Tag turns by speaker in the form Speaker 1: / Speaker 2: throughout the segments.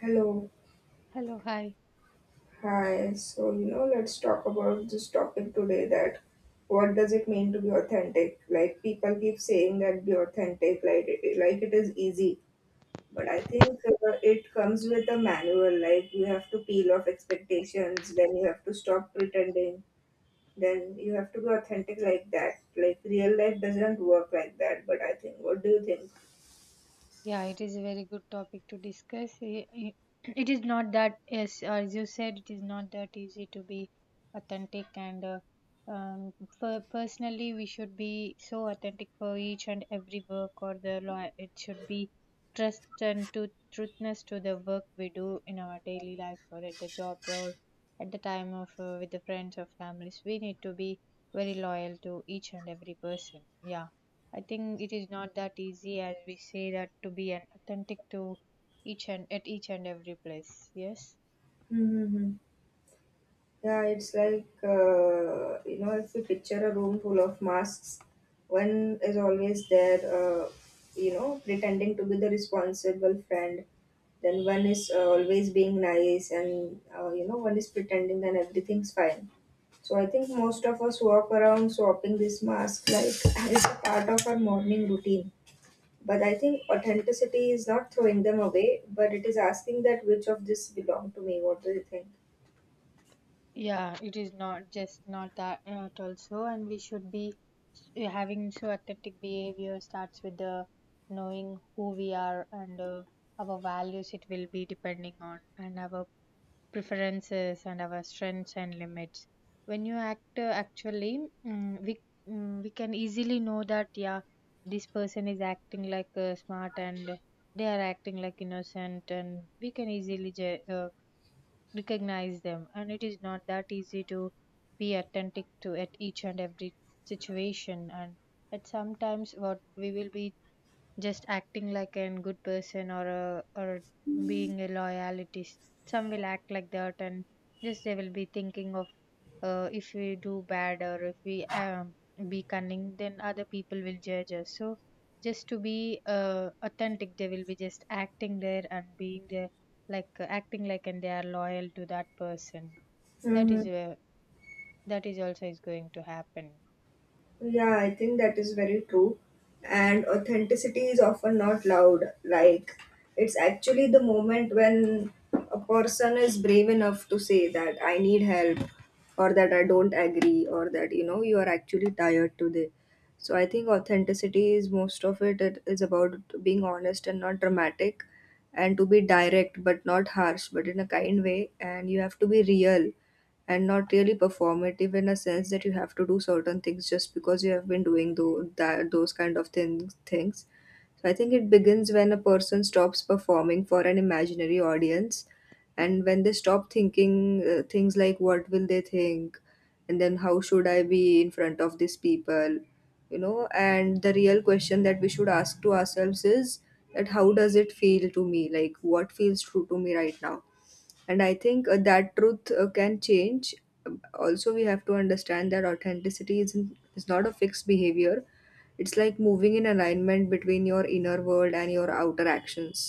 Speaker 1: Hello,
Speaker 2: Hello, hi.
Speaker 1: hi. So, let's talk about this topic today that what does it mean to be authentic? Like people keep saying that be authentic, like it is easy, but I think it comes with a manual. Like you have to peel off expectations, then you have to stop pretending, then you have to be authentic like that. Like real life doesn't work like that. But I think, what do you think?
Speaker 2: Yeah, it is a very good topic to discuss. It is not that, yes, as you said, it is not that easy to be authentic, and um, for personally, we should be so authentic for each and every work or the law. It should be trust and to truthness to the work we do in our daily life or at the job or at the time of with the friends or families. We need to be very loyal to each and every person. Yeah. I think it is not that easy as we say that to be an authentic to each and at each and every place. Yes.
Speaker 1: Mm-hmm. Yeah, it's like, if you picture a room full of masks, one is always there, pretending to be the responsible friend. Then one is always being nice, and, one is pretending that everything's fine. So I think most of us walk around swapping this mask like it's a part of our morning routine. But I think authenticity is not throwing them away, but it is asking that which of this belong to me. What do you think?
Speaker 2: Yeah, it is not just not that not also, and we should be having so authentic behavior starts with the knowing who we are and our values. It will be depending on and our preferences and our strengths and limits when you act actually mm, we we can easily know that yeah this person is acting like smart and they are acting like innocent and we can easily recognize them, and it is not that easy to be authentic to at each and every situation and at sometimes what we will be just acting like a good person or or being a some will act like that, and just they will be thinking of if we do bad or if we be cunning, then other people will judge us. So just to be authentic, they will be just acting there and being there like acting like, and they are loyal to that person. That
Speaker 1: Mm-hmm.
Speaker 2: is that is also is going to happen.
Speaker 1: Yeah, I think that is very true. And authenticity is often not loud. Like, it's actually the moment when a person is brave enough to say that I need help, or that I don't agree, or that, you are actually tired today. So I think authenticity is most of it, it is about being honest and not dramatic, and to be direct but not harsh, but in a kind way. And you have to be real and not really performative in a sense that you have to do certain things just because you have been doing those kind of thin things. So I think it begins when a person stops performing for an imaginary audience, and when they stop thinking things like what will they think and then how should I be in front of these people. And the real question that we should ask to ourselves is that how does it feel to me, like what feels true to me right now. And I think that truth can change. Also, we have to understand that authenticity isn't is not a fixed behavior. It's like moving in alignment between your inner world and your outer actions.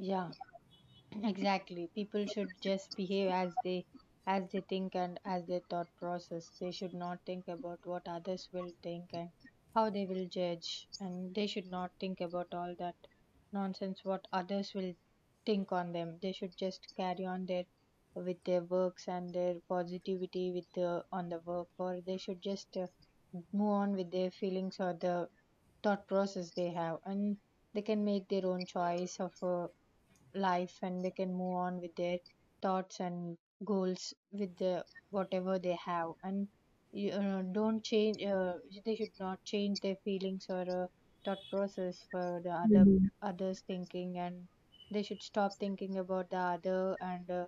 Speaker 2: Yeah. Exactly. People should just behave as they think and as their thought process. They should not think about what others will think and how they will judge, and they should not think about all that nonsense what others will think on them. They should just carry on their with their works and their positivity with the on the work, or they should just move on with their feelings or the thought process they have, and they can make their own choice of life, and they can move on with their thoughts and goals with the whatever they have. And you know, don't change they should not change their feelings or thought process for the other
Speaker 1: Mhm.
Speaker 2: others thinking, and they should stop thinking about the other and uh,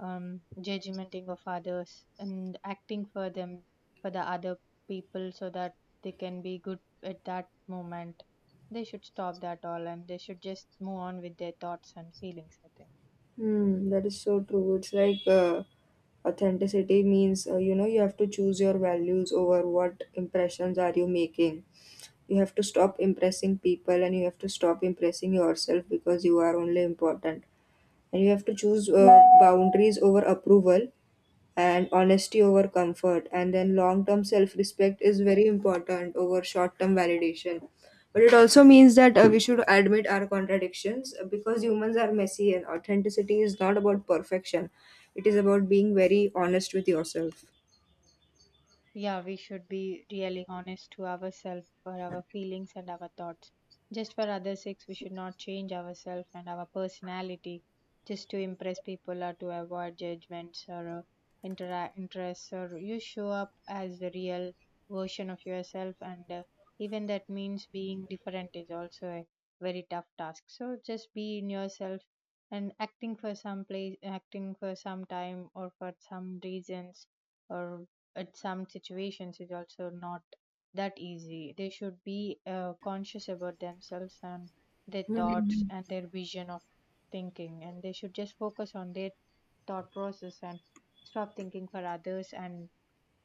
Speaker 2: um, judgmenting of others and acting for them for the other people so that they can be good at that moment. They should stop that all, and they should just move on with their thoughts and feelings, I think.
Speaker 1: Hmm, that is so true. It's like authenticity means you have to choose your values over what impressions are you making. You have to stop impressing people and you have to stop impressing yourself because you are only important. And you have to choose boundaries over approval and honesty over comfort, and then long term self respect is very important over short term validation. But it also means that we should admit our contradictions because humans are messy and authenticity is not about perfection. It is about being very honest with yourself.
Speaker 2: Yeah, we should be really honest to ourselves for our feelings and our thoughts. Just for others' sakes, we should not change ourselves and our personality just to impress people or to avoid judgments or interests. Or you show up as the real version of yourself, and even that means being different is also a very tough task. So just be in yourself, and acting for some place, acting for some time or for some reasons or at some situations is also not that easy. They should be conscious about themselves and their thoughts
Speaker 1: Hmm.
Speaker 2: and their vision of thinking, and they should just focus on their thought process and stop thinking for others and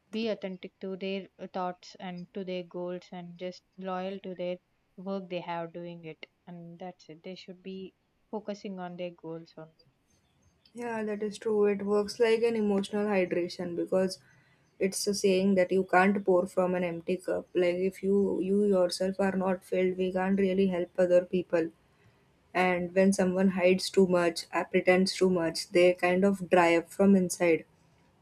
Speaker 2: be authentic to their thoughts and to their goals, and just loyal to their work they have doing it, and that's it. They should be focusing on their goals only.
Speaker 1: Yeah, that is true. It works like an emotional hydration because it's a saying that you can't pour from an empty cup. Like if you yourself are not filled, we can't really help other people. And when someone hides too much, pretends too much, they kind of dry up from inside.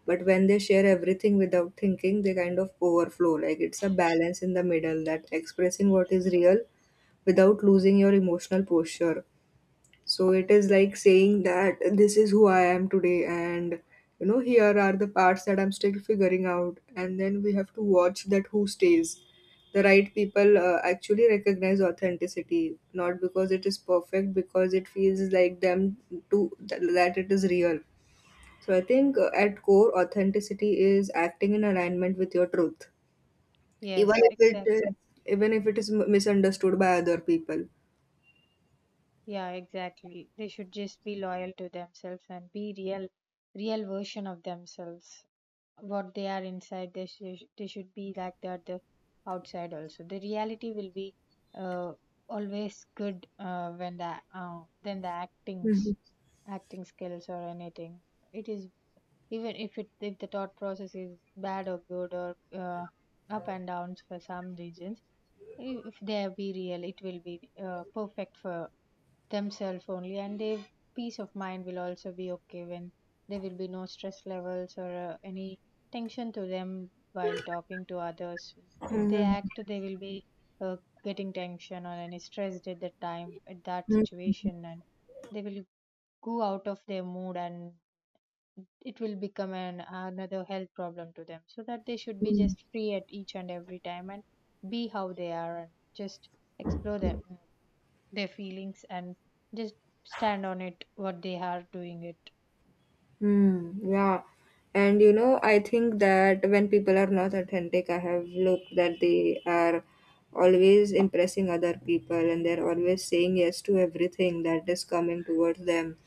Speaker 1: But when they share everything without thinking, they kind of overflow. Like it's a balance in the middle, that expressing what is real without losing your emotional posture. So it is like saying that this is who I am today, and here are the parts that I'm still figuring out. And then we have to watch that who stays. The right people actually recognize authenticity, not because it is perfect, because it feels like them to that it is real. So I think at core, authenticity is acting in alignment with your truth, even
Speaker 2: Yes,
Speaker 1: if it is,
Speaker 2: exactly.
Speaker 1: even if it is misunderstood by other people.
Speaker 2: Yeah, exactly. They should just be loyal to themselves and be real, real version of themselves. What they are inside, they should be like that the outside also. The reality will be uh, always good when the than the acting skills or anything. It is even if it if the thought process is bad or good or up and downs for some regions. If they be real, it will be perfect for themselves only, and their peace of mind will also be okay. When there will be no stress levels or any tension to them while talking to others, if they
Speaker 1: Mhm.
Speaker 2: act, they will be uh, getting tension or any stressed at that time at that situation, and they will go out of their mood, and it will become an another health problem to them, so that they should be just free at each and every time and be how they are and just explore them their feelings and just stand on it what they are doing it.
Speaker 1: Hmm, yeah. And I think that when people are not authentic, I have looked that they are always impressing other people, and they're always saying yes to everything that is coming towards them.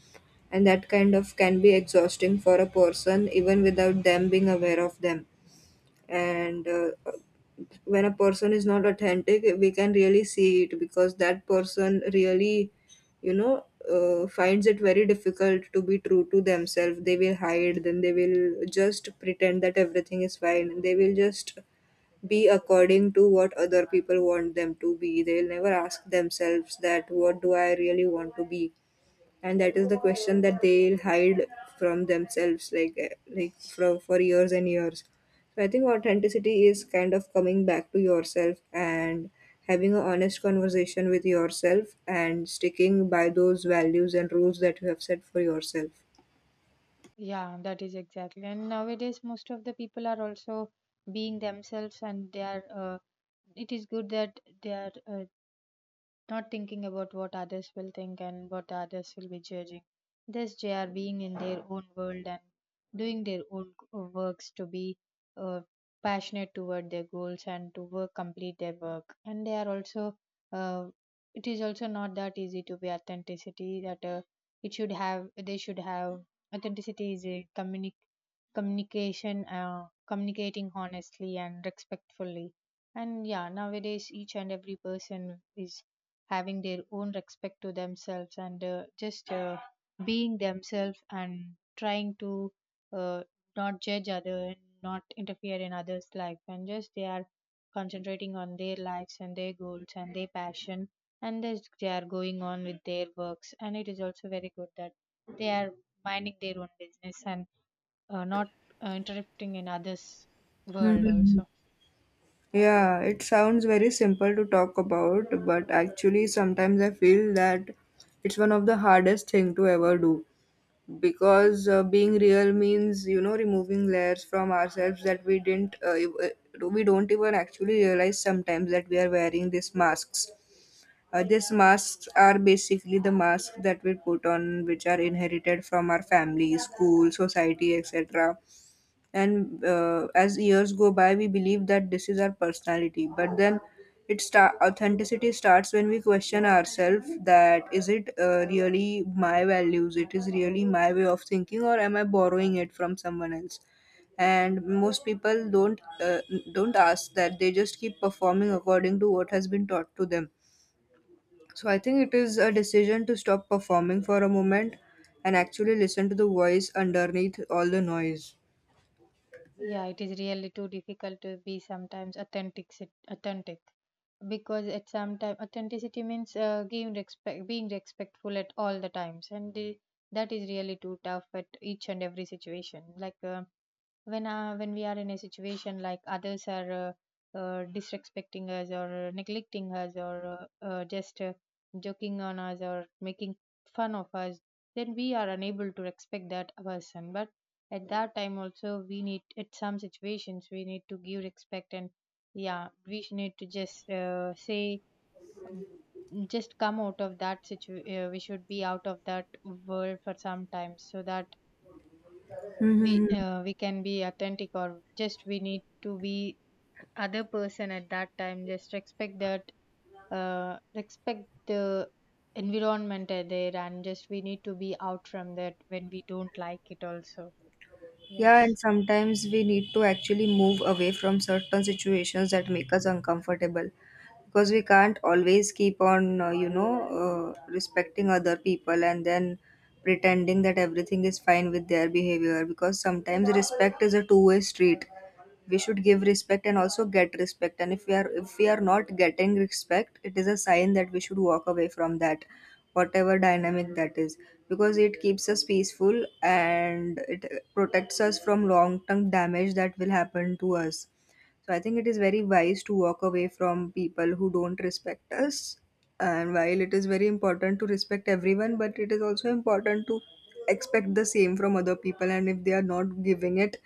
Speaker 1: And that kind of can be exhausting for a person even without them being aware of them. And when a person is not authentic, we can really see it because that person really you know finds it very difficult to be true to themselves. They will hide, then they will just pretend that everything is fine. They will just be according to what other people want them to be. They will never ask themselves that what do I really want to be, and that is the question that they'll hide from themselves like from for years and years. So I think authenticity is kind of coming back to yourself and having an honest conversation with yourself and sticking by those values and rules that you have set for yourself.
Speaker 2: Yeah, that is exactly, and nowadays most of the people are also being themselves, and they are it is good that they are not thinking about what others will think and what others will be judging. Thus, they are being in their own world and doing their own works to be uh, passionate toward their goals and to work complete their work. And they are also, uh, it is also not that easy to be authenticity that they should have authenticity is a communication, communicating honestly and respectfully. And yeah, nowadays each and every person is having their own respect to themselves and just being themselves and trying to uh, not judge other and not interfere in others life, and just they are concentrating on their lives and their goals and their passion, and just they are going on with their works, and it is also very good that they are minding their own business and not interrupting in others world
Speaker 1: Hmm.
Speaker 2: also.
Speaker 1: Yeah, it sounds very simple to talk about, but actually sometimes I feel that it's one of the hardest thing to ever do because being real means removing layers from ourselves that we didn't ev- we don't even actually realize sometimes that we are wearing these masks. These masks are basically the masks that we put on which are inherited from our family, school, society, etc. And as years go by, we believe that this is our personality, but then it start authenticity starts when we question ourselves that is it really my values, it is really my way of thinking, or am I borrowing it from someone else. And most people don't ask that, they just keep performing according to what has been taught to them. So I think it is a decision to stop performing for a moment and actually listen to the voice underneath all the noise.
Speaker 2: Yeah, it is really too difficult to be sometimes authentic, because at some time authenticity means giving respect, being respectful at all the times, that is really too tough at each and every situation. Like when we are in a situation like others are disrespecting us or neglecting us or just joking on us or making fun of us, then we are unable to respect that person. But at that time also, we need at some situations we need to give respect, and yeah, we need to just say um, just come out of that situ we should be out of that world for some time, so that
Speaker 1: Mhm.
Speaker 2: we can be authentic or just we need to be other person at that time just expect that respect the environment are there, and just we need to be out from that when we don't like it also.
Speaker 1: Yeah,
Speaker 2: Yes.
Speaker 1: and sometimes we need to actually move away from certain situations that make us uncomfortable because we can't always keep on, respecting other people and then pretending that everything is fine with their behavior, because sometimes respect is a two-way street. We should give respect and also get respect, and if we are not getting respect, it is a sign that we should walk away from that, whatever dynamic that is, because it keeps us peaceful and it protects us from long term damage that will happen to us. So I think it is very wise to walk away from people who don't respect us. And while it is very important to respect everyone, but it is also important to expect the same from other people. And if they are not giving it,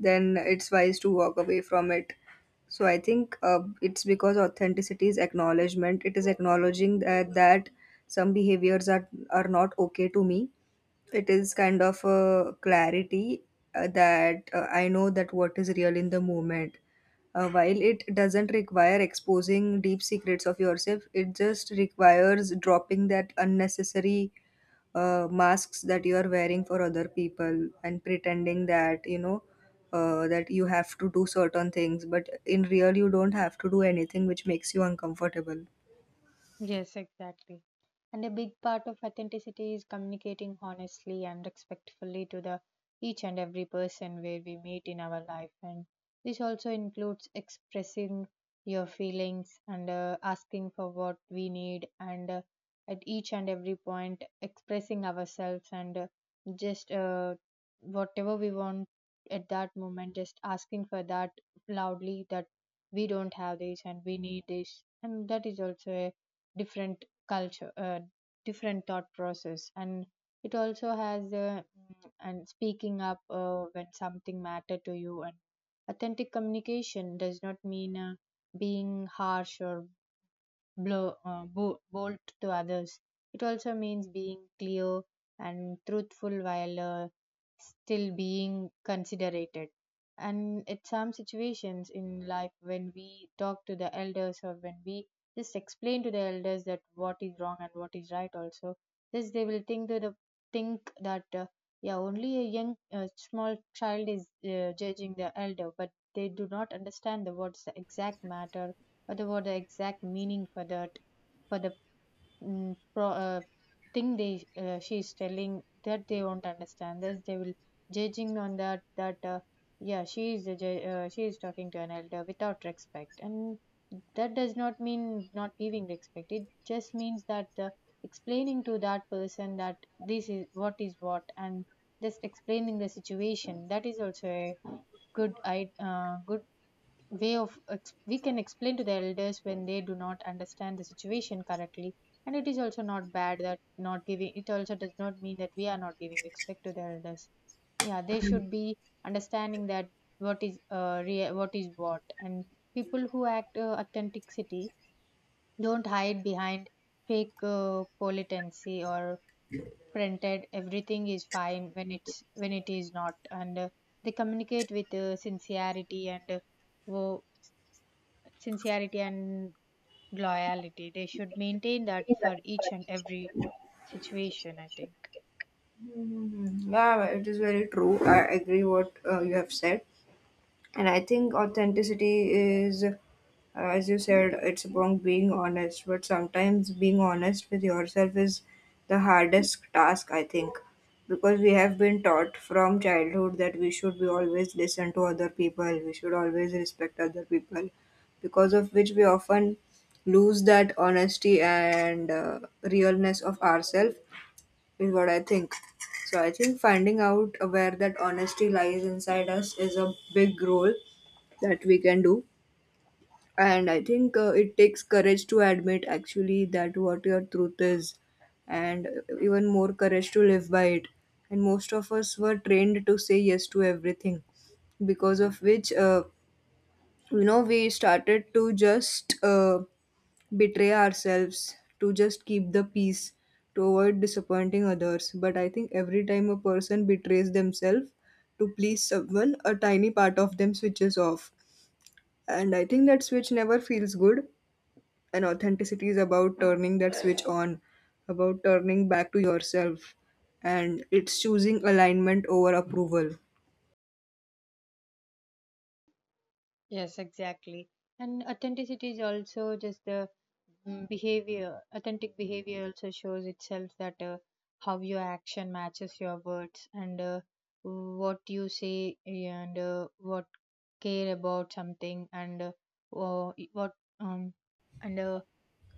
Speaker 1: then it's wise to walk away from it. So I think it's because authenticity is acknowledgement. It is acknowledging that some behaviors are not okay to me. It is kind of a clarity that I know that what is real in the moment. While it doesn't require exposing deep secrets of yourself, it just requires dropping that unnecessary masks that you are wearing for other people and pretending that that you have to do certain things, but in real you don't have to do anything which makes you uncomfortable.
Speaker 2: Yes, exactly. And a big part of authenticity is communicating honestly and respectfully to the each and every person where we meet in our life. And this also includes expressing your feelings and asking for what we need and at each and every point expressing ourselves and just whatever we want at that moment, just asking for that loudly, that we don't have this and we need this, and that is also a different culture, different thought process, and it also has and speaking up when something matter to you. And authentic communication does not mean being harsh or bold to others. It also means being clear and truthful while still being considerate. And at some situations in life, when we talk to the elders or when we just explain to the elders that what is wrong and what is right, also, this they will think that the think that yeah, only a young small child is judging the elder, but they do not understand the what's the exact matter what about the exact meaning for that for the mm, pro, uh, thing they she is telling that they won't understand this they will judging on that, yeah, she is talking to an elder without respect, and that does not mean not giving respect, it just means that explaining to that person that this is what is what, and just explaining the situation, that is also a good way of we can explain to the elders when they do not understand the situation correctly, and it is also not bad that not giving it also does not mean that we are not giving respect to the elders. Yeah, they should be understanding that what is what is what. And people who act authenticity don't hide behind fake politency or printed everything is fine when it's when it is not, and they communicate with sincerity and wo- sincerity and loyalty. They should maintain that for each and every situation, I think.
Speaker 1: Mhm. Yeah, it is very true. I agree what you have said. And I think authenticity is, as you said, it's about being honest, but sometimes being honest with yourself is the hardest task, I think, because we have been taught from childhood that we should be always listen to other people, we should always respect other people, because of which we often lose that honesty and realness of ourselves, is what I think. So I think finding out where that honesty lies inside us is a big role that we can do. And I think it takes courage to admit actually that what your truth is, and even more courage to live by it. And most of us were trained to say yes to everything, because of which we started to just betray ourselves to just keep the peace, to avoid disappointing others. But I think every time a person betrays themselves to please someone, a tiny part of them switches off. And I think that switch never feels good. And authenticity is about turning that switch on, about turning back to yourself. And it's choosing alignment over approval.
Speaker 2: Yes, exactly. And authenticity is also just the behavior. Authentic behavior also shows itself that how your action matches your words, and what you say, and what care about something, and wha- what um and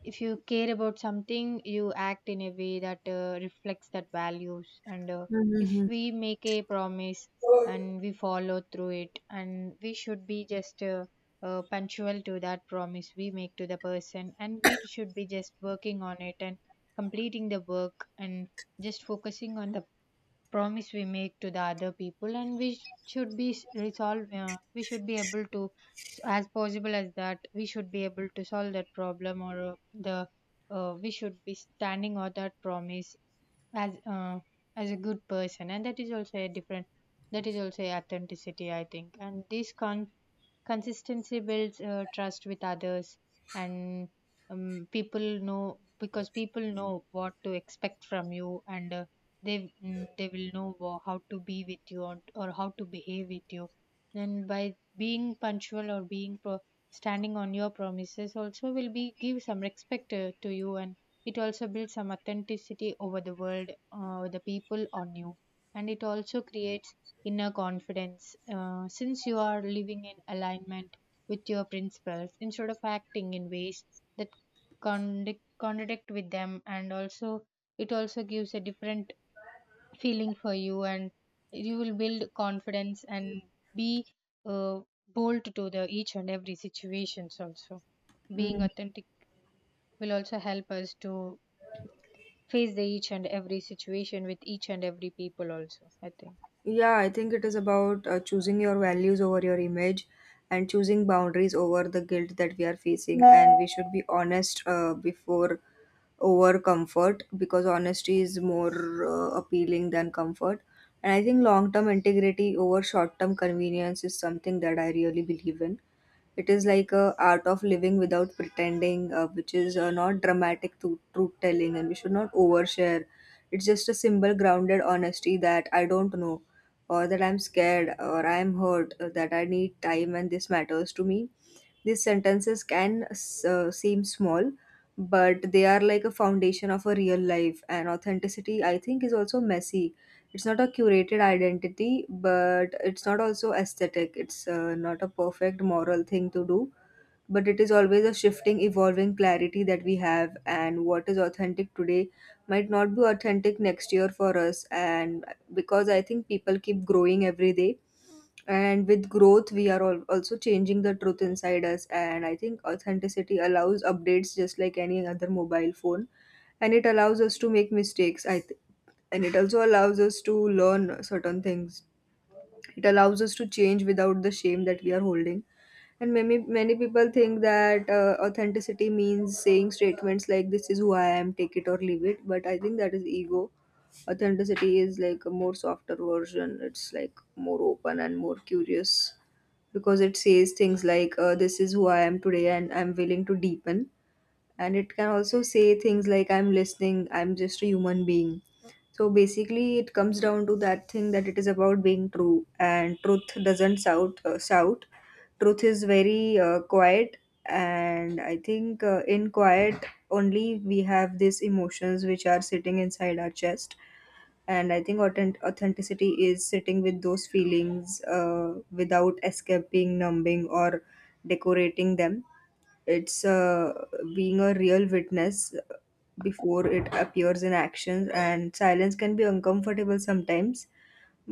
Speaker 2: if you care about something, you act in a way that reflects that values. And if
Speaker 1: Mm-hmm.
Speaker 2: we make a promise and we follow through it, and we should be just punctual to that promise we make to the person, and we should be just working on it and completing the work and just focusing on the promise we make to the other people. And we should resolve, we should be able to as possible as that we should be able to solve that problem, or the we should be standing on that promise as uh, as a good person, and that is also a different, that is also a authenticity, I think. And this consistency builds trust with others. And people know, because people know what to expect from you, and they they will know how to be with you, or how to behave with you. Then by being punctual or being standing on your promises, also will be give some respect to you, and it also builds some authenticity over the world, the people on you. And it also creates inner confidence. Since you are living in alignment with your principles instead of acting in ways that contradict with them. And also it also gives a different feeling for you, and you will build confidence and be uh, bold to the each and every situations. Also, being authentic will also help us to face the each and every situation with each and every people. Also, I think.
Speaker 1: Yeah, I think it is about choosing your values over your image, and choosing boundaries over the guilt that we are facing. And we should be honest before over comfort, because honesty is more appealing than comfort. And I think long term integrity over short term convenience is something that I really believe in. It is like a art of living without pretending, which is not dramatic to truth telling, and we should not overshare. It's just a simple grounded honesty that I don't know or that I'm scared or I'm hurt, or that I need time and this matters to me. These sentences can seem small, but they are like a foundation of a real life. And authenticity, I think, is also messy. It's not a curated identity, but it's not also aesthetic. It's not a perfect moral thing to do, but it is always a shifting evolving clarity that we have, and what is authentic today might not be authentic next year for us, and because I think people keep growing every day. And with growth, we are all also changing the truth inside us. And I think authenticity allows updates just like any other mobile phone. And it allows us to make mistakes, and it also allows us to learn certain things. It allows us to change without the shame that we are holding. And many, many people think that authenticity means saying statements like, "This is who I am, take it or leave it." But I think that is ego. Authenticity is like a more softer version, it's like more open and more curious, because it says things like, "This is who I am today, and I'm willing to deepen," and it can also say things like, "I'm listening, I'm just a human being." So basically it comes down to that thing that it is about being true, and truth doesn't shout. Truth is very quiet, and I think, in quiet only we have these emotions which are sitting inside our chest. And I think authenticity is sitting with those feelings without escaping, numbing, or decorating them. It's being a real witness before it appears in actions, and silence can be uncomfortable sometimes.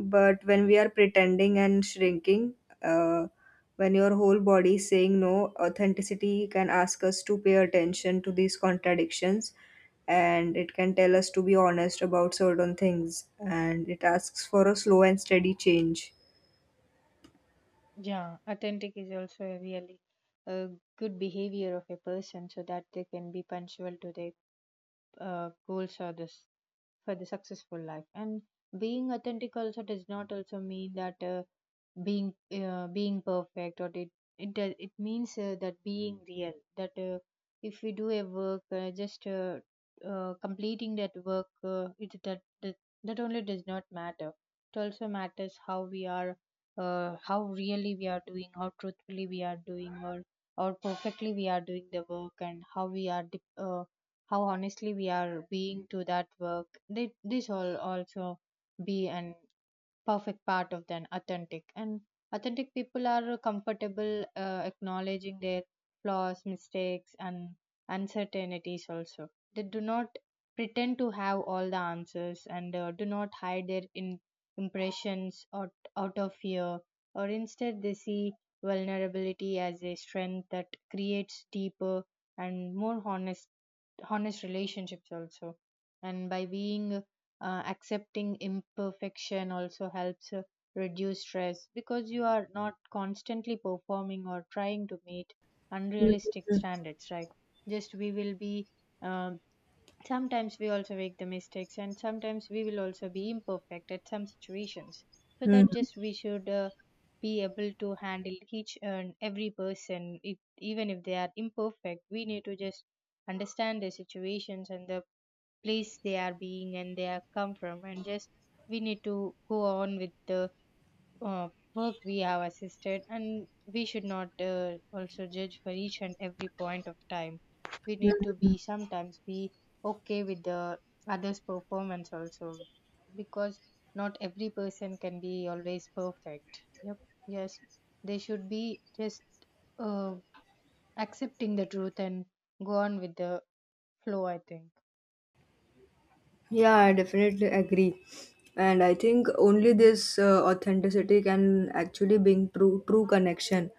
Speaker 1: But when we are pretending and shrinking, uh, when your whole body is saying no, authenticity can ask us to pay attention to these contradictions, and it can tell us to be honest about certain things, and it asks for a slow and steady change.
Speaker 2: Yeah, authentic is also a really a good behavior of a person so that they can be punctual to their goals or this for the successful life. And being authentic also does not also mean that being perfect, or it does, it means that being real, that if we do a work just completing that work, that that only does not matter, it also matters how we are, how really we are doing, how truthfully we are doing, or how perfectly we are doing the work, and how we are how honestly we are being to that work. They, this all also be an perfect part of then authentic. And authentic people are comfortable acknowledging their flaws, mistakes and uncertainties also. They do not pretend to have all the answers, and do not hide their impressions out, out of fear, or instead they see vulnerability as a strength that creates deeper and more honest relationships also. And by being accepting imperfection also helps reduce stress, because you are not constantly performing or trying to meet unrealistic standards, right? Just we will be um, sometimes we also make the mistakes, and sometimes we will also be imperfect at some situations, so
Speaker 1: Hmm.
Speaker 2: that just we should be able to handle each and every person, if, even if they are imperfect, we need to just understand the situations and the place they are being and they are come from, and just we need to go on with the uh, work we have assisted, and we should not also judge for each and every point of time. We need to be sometimes be okay with the others performance also, because not every person can be always perfect. Yep. Yes, they should be just uh, accepting the truth and go on with the flow, I think.
Speaker 1: Yeah, I definitely agree. And I think only this authenticity can actually bring true connection,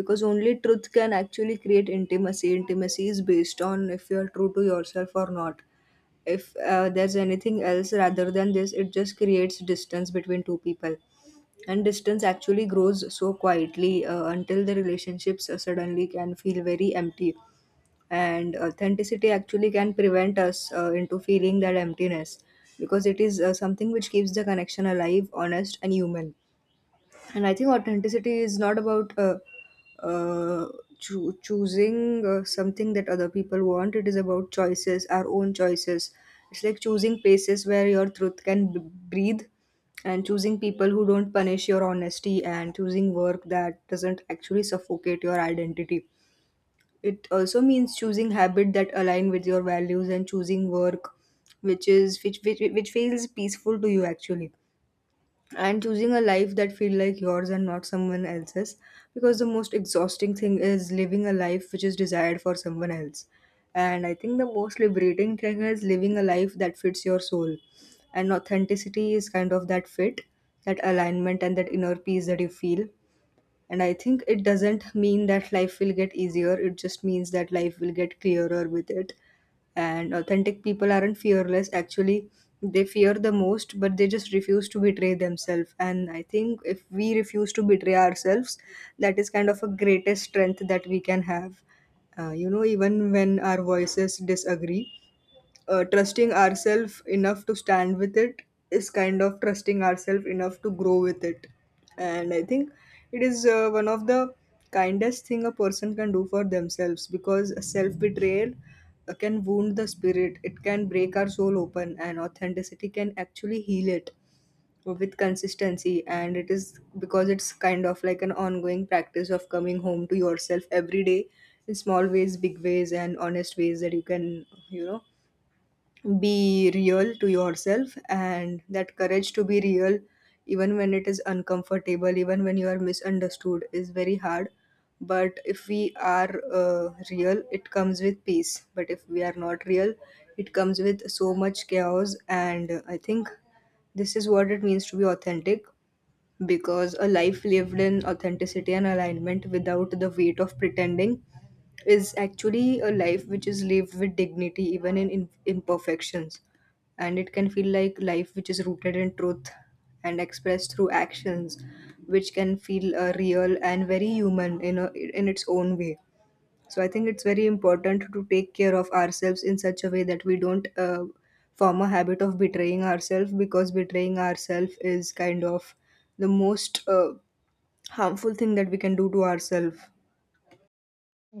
Speaker 1: because only truth can actually create intimacy. Intimacy is based on if you are true to yourself or not. If there's anything else rather than this, it just creates distance between two people. And distance actually grows so quietly until the relationships suddenly can feel very empty, and authenticity actually can prevent us into feeling that emptiness, because it is something which keeps the connection alive, honest, and human. And I think authenticity is not about uh, choosing something that other people want. It is about choices, our own choices. It's like choosing places where your truth can breathe, and choosing people who don't punish your honesty, and choosing work that doesn't actually suffocate your identity. It also means choosing habit that align with your values, and choosing work which which feels peaceful to you actually, and choosing a life that feel like yours and not someone else's, because the most exhausting thing is living a life which is desired for someone else. And I think the most liberating thing is living a life that fits your soul, and authenticity is kind of that fit, that alignment, and that inner peace that you feel. And I think it doesn't mean that life will get easier, it just means that life will get clearer with it. And authentic people aren't fearless, actually, they fear the most, but they just refuse to betray themselves. And I think if we refuse to betray ourselves, that is kind of a greatest strength that we can have. Even when our voices disagree, trusting ourselves enough to stand with it is kind of trusting ourselves enough to grow with it. And I think it is one of the kindest thing a person can do for themselves, because self betrayal can wound the spirit, it can break our soul open, and authenticity can actually heal it with consistency. And it is because it's kind of like an ongoing practice of coming home to yourself every day, in small ways, big ways, and honest ways, that you can be real to yourself. And that courage to be real, even when it is uncomfortable, even when you are misunderstood, is very hard. But if we are real, it comes with peace, but if we are not real, it comes with so much chaos. And I think this is what it means to be authentic, because a life lived in authenticity and alignment without the weight of pretending is actually a life which is lived with dignity, even in imperfections. And it can feel like life which is rooted in truth and expressed through actions, which can feel real and very human in its own way. So I think it's very important to take care of ourselves in such a way that we don't form a habit of betraying ourselves, because betraying ourselves is kind of the most harmful thing that we can do to ourselves.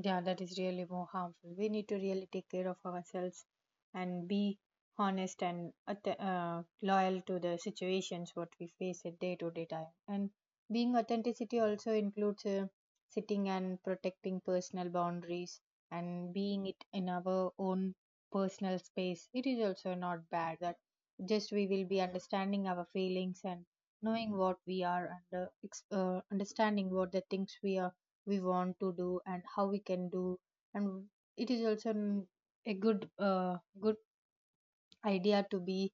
Speaker 2: Yeah, that is really more harmful. We need to really take care of ourselves and be honest and loyal to the situations what we face at day to day time. And being authenticity also includes sitting and protecting personal boundaries, and being it in our own personal space. It is also not bad that just we will be understanding our feelings and knowing what we are, and understanding what the things we are we want to do and how we can do. And it is also mm, a good good idea to be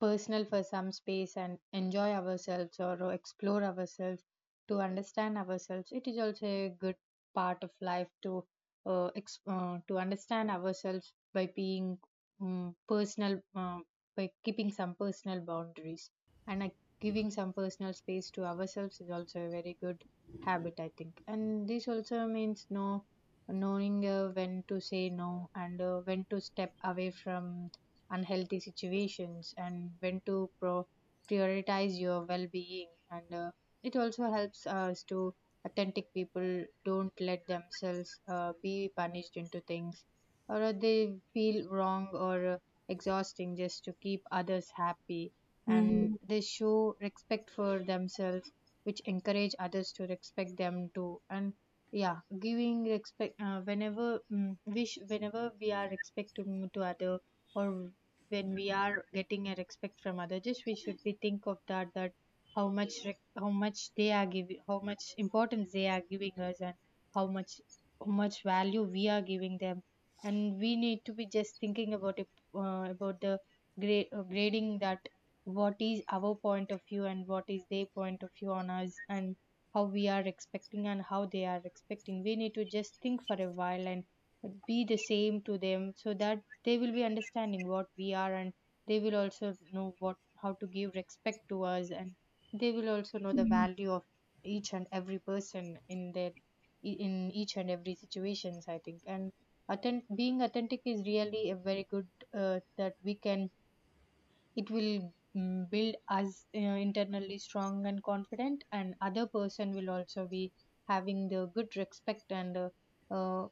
Speaker 2: personal for some space and enjoy ourselves or explore ourselves to understand ourselves. It is also a good part of life to to understand ourselves by being personal by keeping some personal boundaries, and giving some personal space to ourselves, is also a very good habit, I think. And this also means no knowing when to say no, and when to step away from unhealthy situations, and when to prioritize your well-being, and it also helps us to authentic people don't let themselves be punished into things, or they feel wrong, or exhausting just to keep others happy. And
Speaker 1: Mhm,
Speaker 2: they show respect for themselves, which encourage others to respect them too. And yeah, giving respect whenever mm, wish whenever we are respecting to other, or when we are getting a respect from other, just we should be think of that, that how much how much they are giving, how much importance they are giving us, and how much how much value we are giving them. And we need to be just thinking about it, about the grading that what is our point of view and what is their point of view on us, and how we are expecting and how they are expecting. We need to just think for a while and be the same to them, so that they will be understanding what we are, and they will also know what how to give respect to us, and they will also know the value of each and every person in their in each and every situations, I think. And being authentic is really a very good that we can, it will build us internally strong and confident, and other person will also be having the good respect, and uh,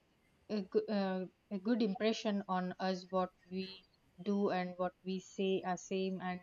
Speaker 2: a, goo- uh, a good impression on us, what we do and what we say are same, and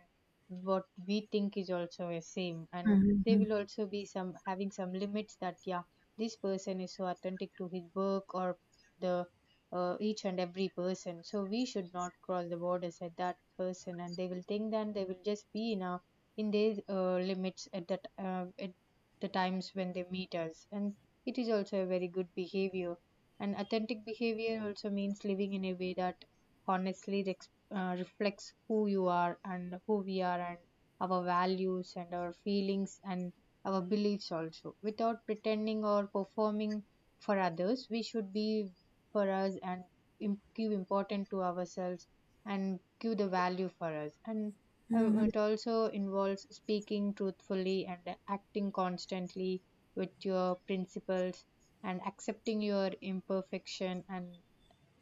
Speaker 2: what we think is also a same. And they will also be some having some limits, that yeah, this person is so authentic to his work, or the each and every person, so we should not cross the borders at that person, and they will think, then they will just be in a in their limits at that at the times when they meet us. And it is also a very good behavior. And authentic behavior also means living in a way that honestly rex- reflects who you are and who we are, and our values and our feelings and our beliefs also. Without pretending or performing for others, we should be for us and give importance to ourselves and give the value for us. And
Speaker 1: mhm,
Speaker 2: it also involves speaking truthfully and acting constantly with your principles, and accepting your imperfection, and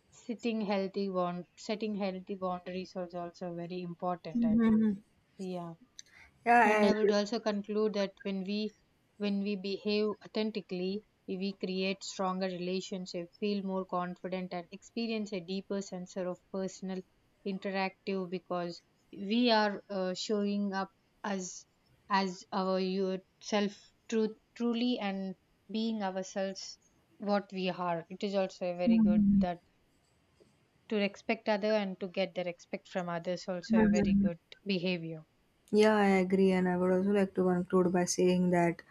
Speaker 2: sitting healthy bound setting healthy boundaries is also very important, I think.
Speaker 1: mhm.
Speaker 2: Yeah.
Speaker 1: Yeah, I
Speaker 2: And I would
Speaker 1: agree.
Speaker 2: also conclude that when we behave authentically, we create stronger relationships, feel more confident, and experience a deeper sense of personal interactive, because we are showing up as as our your self truth truly, and being ourselves what we are, it is also a very good, that to respect other and to get the respect from others, also a very good behavior.
Speaker 1: Yeah, I agree. And I would also like to conclude by saying that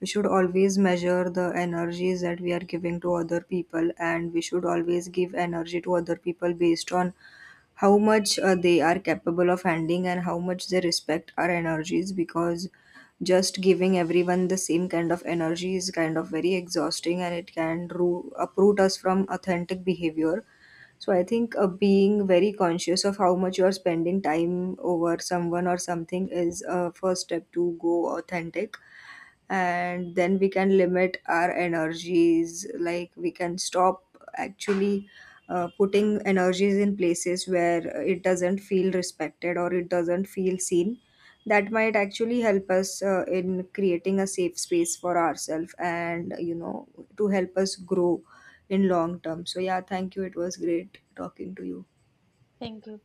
Speaker 1: we should always measure the energies that we are giving to other people, and we should always give energy to other people based on how much they are capable of handling and how much they respect our energies, because just giving everyone the same kind of energy is kind of very exhausting and it can uproot us from authentic behavior. So I think being very conscious of how much you are spending time over someone or something is a first step to go authentic. And then we can limit our energies, like we can stop actually putting energies in places where it doesn't feel respected or it doesn't feel seen. That might actually help us in creating a safe space for ourselves, and to help us grow in long term. So yeah, thank you, it was great talking to you.
Speaker 2: Thank you.